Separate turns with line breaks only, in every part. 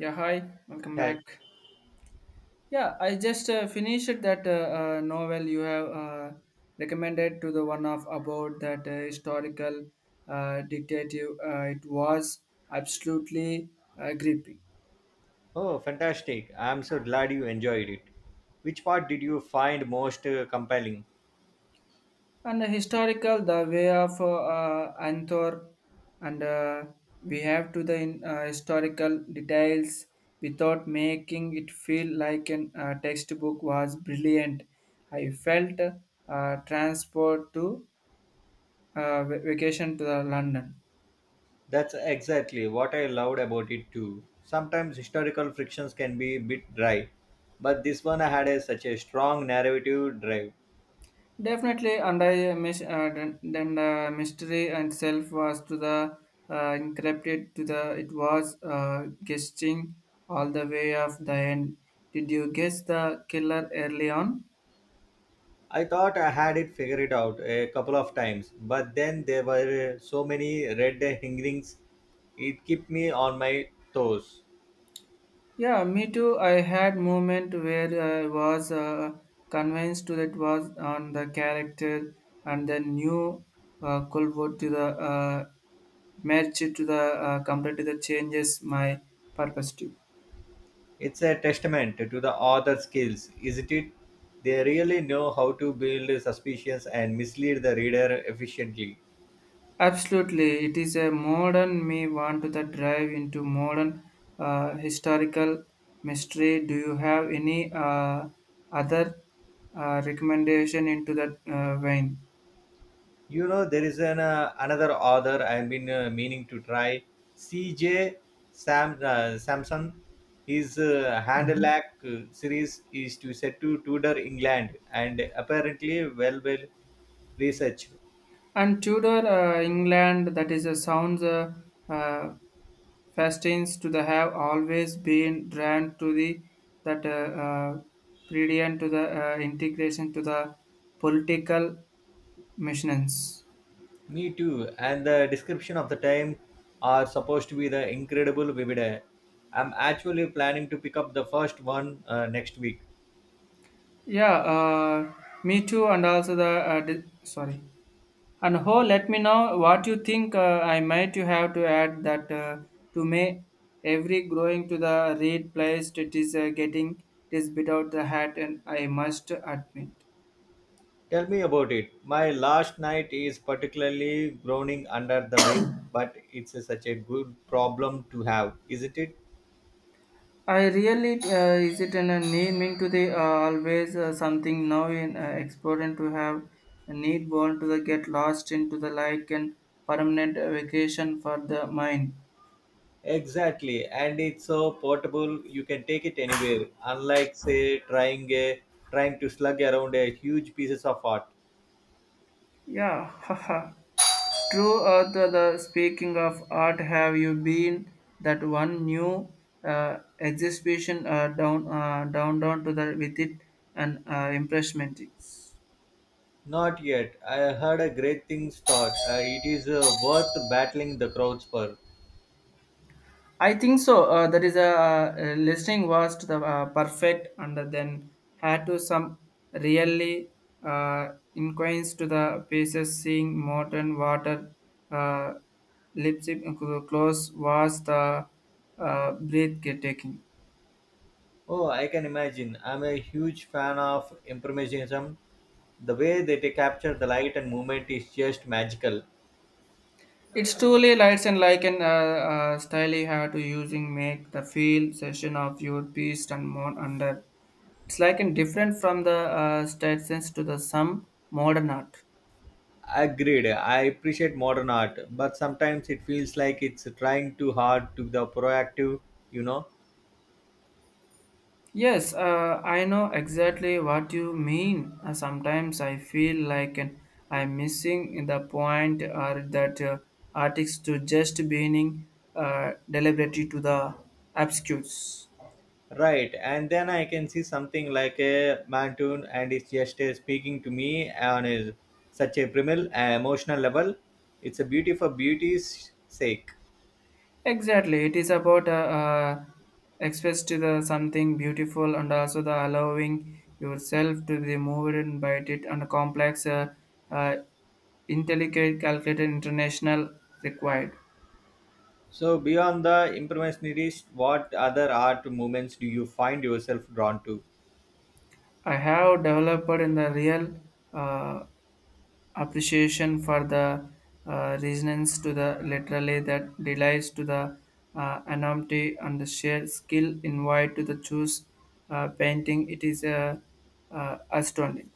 Yeah, hi, welcome
Hi.
back. Yeah, I just finished that novel you have recommended to the one of about that historical dictative. It was absolutely gripping.
Oh, fantastic. I'm so glad you enjoyed it. Which part did you find most compelling?
And historical, the way of Anthor, and we have to the in, historical details without making it feel like an textbook was brilliant. I felt transport to vacation to the London.
That's exactly what I loved about it too. Sometimes historical frictions can be a bit dry, but this one had such a strong narrative drive.
Definitely, and I miss then the mystery and self was to the encrypted to the it was guessing all the way of the end. Did you guess the killer early on?
I thought I had it figured out a couple of times, but then there were so many red herrings. It kept me on my toes.
Yeah, me too. I had moment where I was convinced to that was on the character and then new culvert to the match it to the completely the changes my perspective.
It's a testament to the author's skills, isn't it? They really know how to build suspicions and mislead the reader efficiently.
Absolutely, it is a modern me want to the drive into modern historical mystery. Do you have any other recommendation into that vein?
You know, there is another author I've been meaning to try, C.J. Samson. His
Mhm.
Handelac series is to set to Tudor England and apparently well researched.
And Tudor England, that is a sounds uh, fascinates to the have always been drawn to the that uh, brilliant to the integration to the political missions.
Me too. And the description of the time are supposed to be the incredible vivid. I'm actually planning to pick up the first one next week.
Yeah, me too, and also the sorry. And let me know what you think. I might you have to add that to me. Every growing to the read place it is getting it is bit out the hat, and I must admit.
Tell me about it. My last night is particularly groaning under the weight, but such a good problem to have, isn't it?
I really is it an a need mean to the always something now in exploring to have a need born to the get lost into the like and permanent vacation for the mind.
Exactly. And it's so portable, you can take it anywhere. Unlike say trying a trying to slug around a huge pieces of art.
Yeah, haha. True, the speaking of art, have you been that one new exhibition down to the with it and impressment?
Not yet. I heard a great things thought. It is worth battling the crowds for.
I think so. That is a listening was to the perfect, and then had to some really inquires to the pieces, seeing modern water uh, lipstick close was the breathtaking.
Oh, I can imagine. I'm a huge fan of impressionism. The way capture the light and movement is just magical.
It's truly lights and like an style you have to using make the feel session of your beast and more under. It's like in different from the stations to the some modern art.
Agreed. I appreciate modern art, but sometimes it feels like it's trying too hard to be the proactive, you know.
Yes, I know exactly what you mean. Sometimes I feel like an, I'm missing the point or that artists to just being deliberately to the obscures.
Right, and then I can see something like a Mantoon and it's just speaking to me on such a primal emotional level. It's a beauty for beauty's sake.
Exactly, it is about express to the something beautiful and also the allowing yourself to be moved and by it and complex, uh, intelligent, calculated, international required.
So, beyond the impressionist, what other art movements do you find yourself drawn to?
I have developed in the real uh, appreciation for the resonance to the literally that delights to the anonymity and the shared skill invited to the choose painting. It is astounding.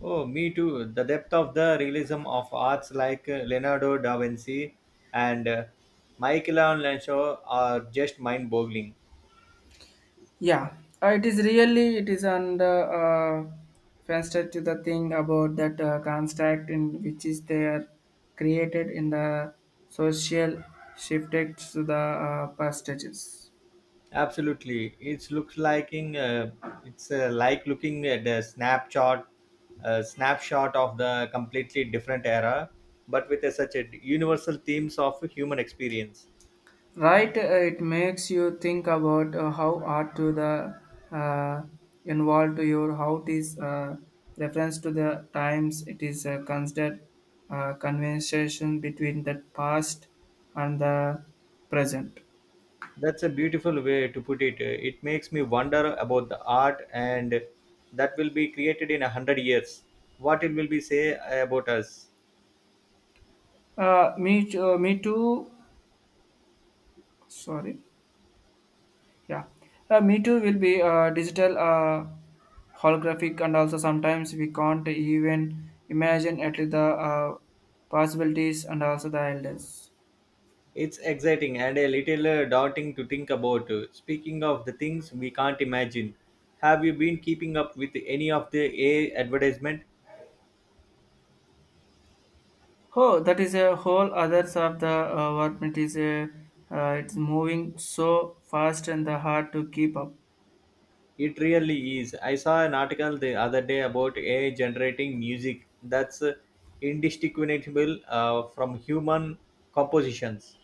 Oh, me too. The depth of the realism of arts like Leonardo da Vinci and Michelangelo are just mind boggling.
Yeah, it is really it is under faster to the thing about that construct in which is they are created in the social shifted to the percentages.
Absolutely, it looks like it's like looking at a snapshot of the completely different era, but with such a universal themes of human experience.
Right, it makes you think about how art to the uh, involved to your how it is reference to the times it is considered conversation between the past and the present.
That's a beautiful way to put it. It makes me wonder about the art and that will be created in 100 years. What it will be say about us.
Me too. Sorry. Yeah. Me too will be digital, holographic, and also sometimes we can't even imagine at least the possibilities and also the elders.
It's exciting and a little daunting to think about. Speaking of the things we can't imagine, have you been keeping up with any of the AI advertisement?
Oh, that is a whole other side of the what it is. It's moving so fast and the hard to keep up.
It really is. I saw an article the other day about AI generating music that's indistinguishable from human compositions.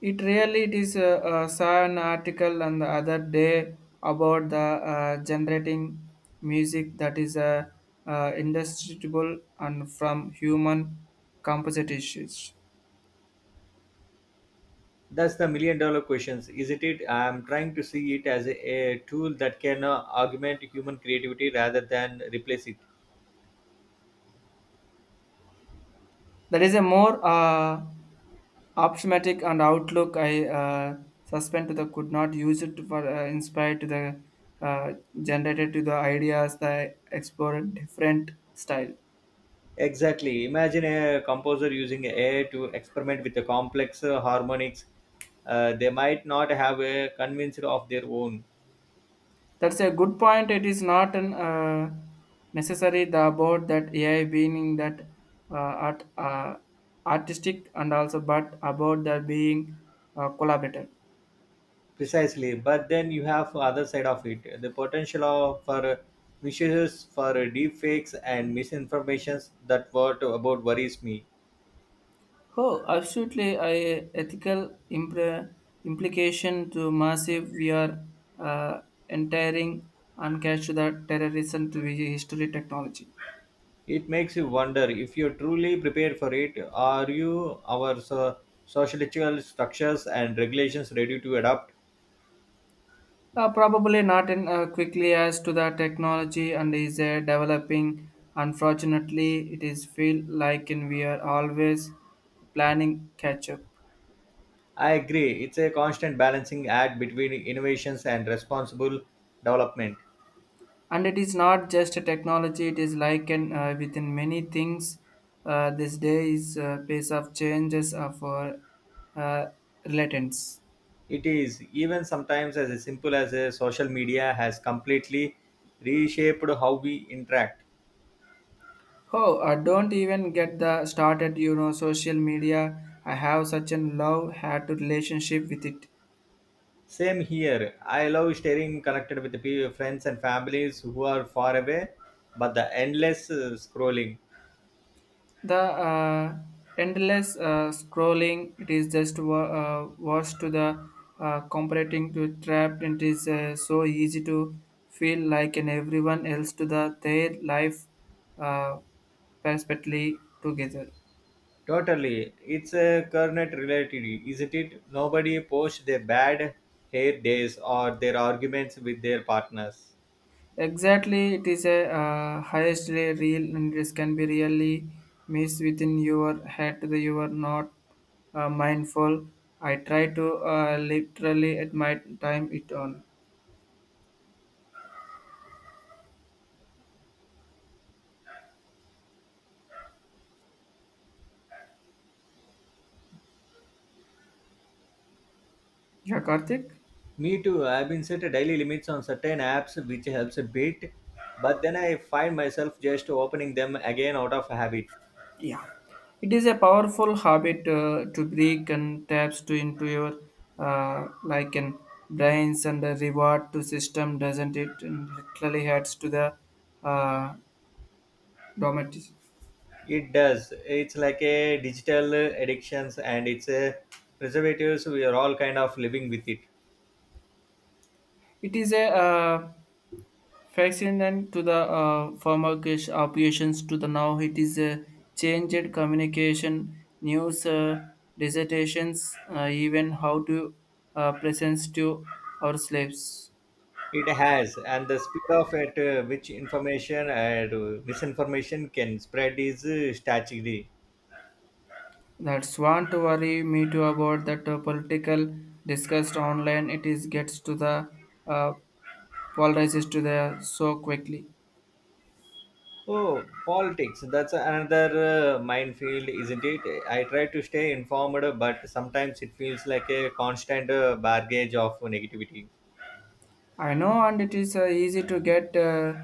It really it is. Saw an article on the other day about the generating music that is indistinguishable and from human compositions.
That's the million dollar questions, isn't it? I'm trying to see it as a tool that can augment human creativity rather than replace it.
That is a more optimistic and outlook. I suspend to the could not use it for inspired to the uh, generated to the ideas that explore different style.
Exactly. Imagine a composer using AI to experiment with the complex harmonics. They might not have a convinced of their own
That's a good point. It is not an, necessary the about that AI being that uh, art, uh, artistic and also, but about the being collaborative.
precisely, but then you have other side of it. The potential for misuses, for deep fakes and misinformations. That what about worries me.
Oh, absolutely! I ethical implication to massive we are uh, entering and catch the terrorism to the history technology.
It makes you wonder if you're truly prepared for it. Are you our sociological structures and regulations ready to adapt?
Probably not in quickly as to the technology and is developing. Unfortunately, it is feel like in we are always planning catch up.
I agree. It's a constant balancing act between innovations and responsible development.
And it is not just a technology; it is like in within many things. This day is pace of changes of our uh, relatants.
It is, even sometimes as simple as a social media has completely reshaped how we interact.
Oh, I don't even get the started. You know, social media. I have such a love had to relationship with it.
Same here. I love staying connected with the friends and families who are far away, but the endless scrolling.
The endless scrolling, it is just worse to the comparing to trapped. It is so easy to feel like an everyone else to the their life uh, perfectly together.
Totally. It's a current reality, isn't it? Nobody posts their bad hair days or their arguments with their partners.
Exactly, it is a highest real and this can be really missed within your head that you are not mindful. I try to literally at my time it on. Yeah, Karthik.
Me too. I've been set daily limits on certain apps, which helps a bit, but then I find myself just opening them again out of habit.
Yeah, it is a powerful habit to break and taps to into your like an brains and the reward to system, doesn't it? And literally adds to the uh, domestic.
It does. It's like a digital addictions, and it's a preservatives. We are all kind of living with it.
It is a fascinant to the former cash operations to the now. It is a changed communication, news, dissertations, even how to presents to our slaves.
It has, and the speed of at which information and misinformation can spread is staggering.
That's want to worry me too about that political discussed online. It is gets to the uh, polarizes to the so quickly.
Oh, politics. That's another minefield, isn't it? I try to stay informed, but sometimes it feels like a constant barrage of negativity.
I know, and it is easy to get uh,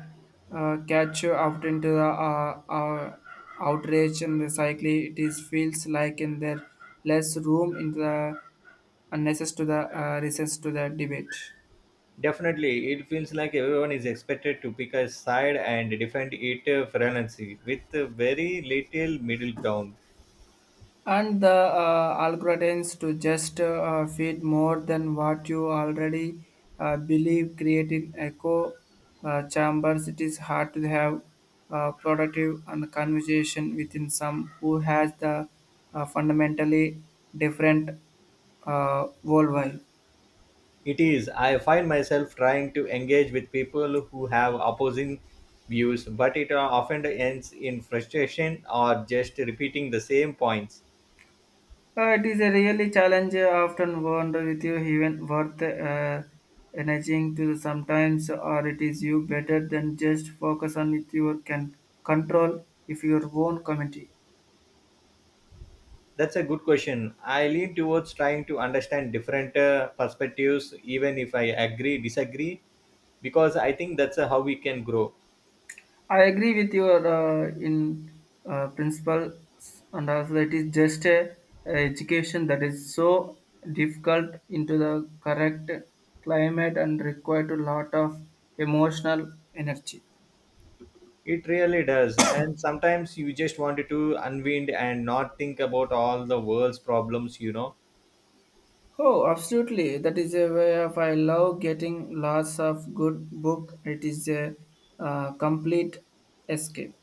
uh, catch you out into the outrage and the cycle. It is feels like in there less room in the unnecessary to the recess to the debate.
Definitely, it feels like everyone is expected to pick a side and defend it fearlessly with very little middle ground.
And the algorithms to just feed more than what you already believe creating echo chambers it is hard to have productive and conversation within some who has the fundamentally different worldview.
It is. I find myself trying to engage with people who have opposing views, but it often ends in frustration or just repeating the same points.
It is a really challenge. I often wonder with you even worth energizing to sometimes, or it is you better than just focus on it. You can control if your own committee.
That's a good question. I lean towards trying to understand different perspectives, even if I agree, disagree, because I think that's how we can grow.
I agree with your in principles, and also it is just a education that is so difficult into the correct climate and required a lot of emotional energy.
It really does. And sometimes you just want to unwind and not think about all the world's problems.
Oh, absolutely. That is a way of I love getting lots of good book. It is a complete escape.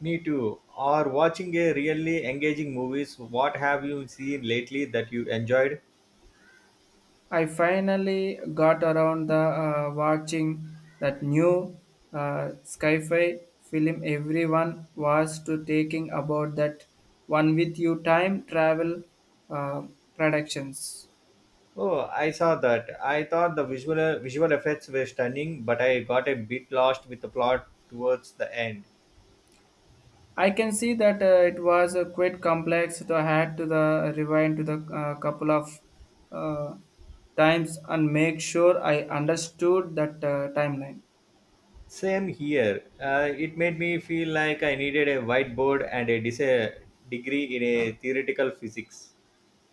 Me too. Or watching a really engaging movies. What have you seen lately that you enjoyed?
I finally got around the watching that new sci-fi film everyone was to taking about that one with you time travel uh, productions.
Oh, I saw that. I thought the visual effects were stunning, but I got a bit lost with the plot towards the end.
I can see that it was a quite complex. So I had to the rewind to the couple of uh, times and make sure I understood that timeline.
Same here. It made me feel like I needed a whiteboard and degree in a theoretical physics.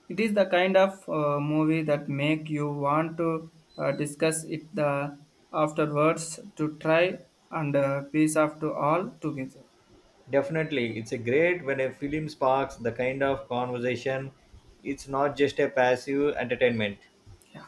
It is the kind of movie that make you want to discuss it the afterwards to try and piece of to all together.
Definitely, it's a great when a film sparks the kind of conversation. It's not just a passive entertainment.
Yeah.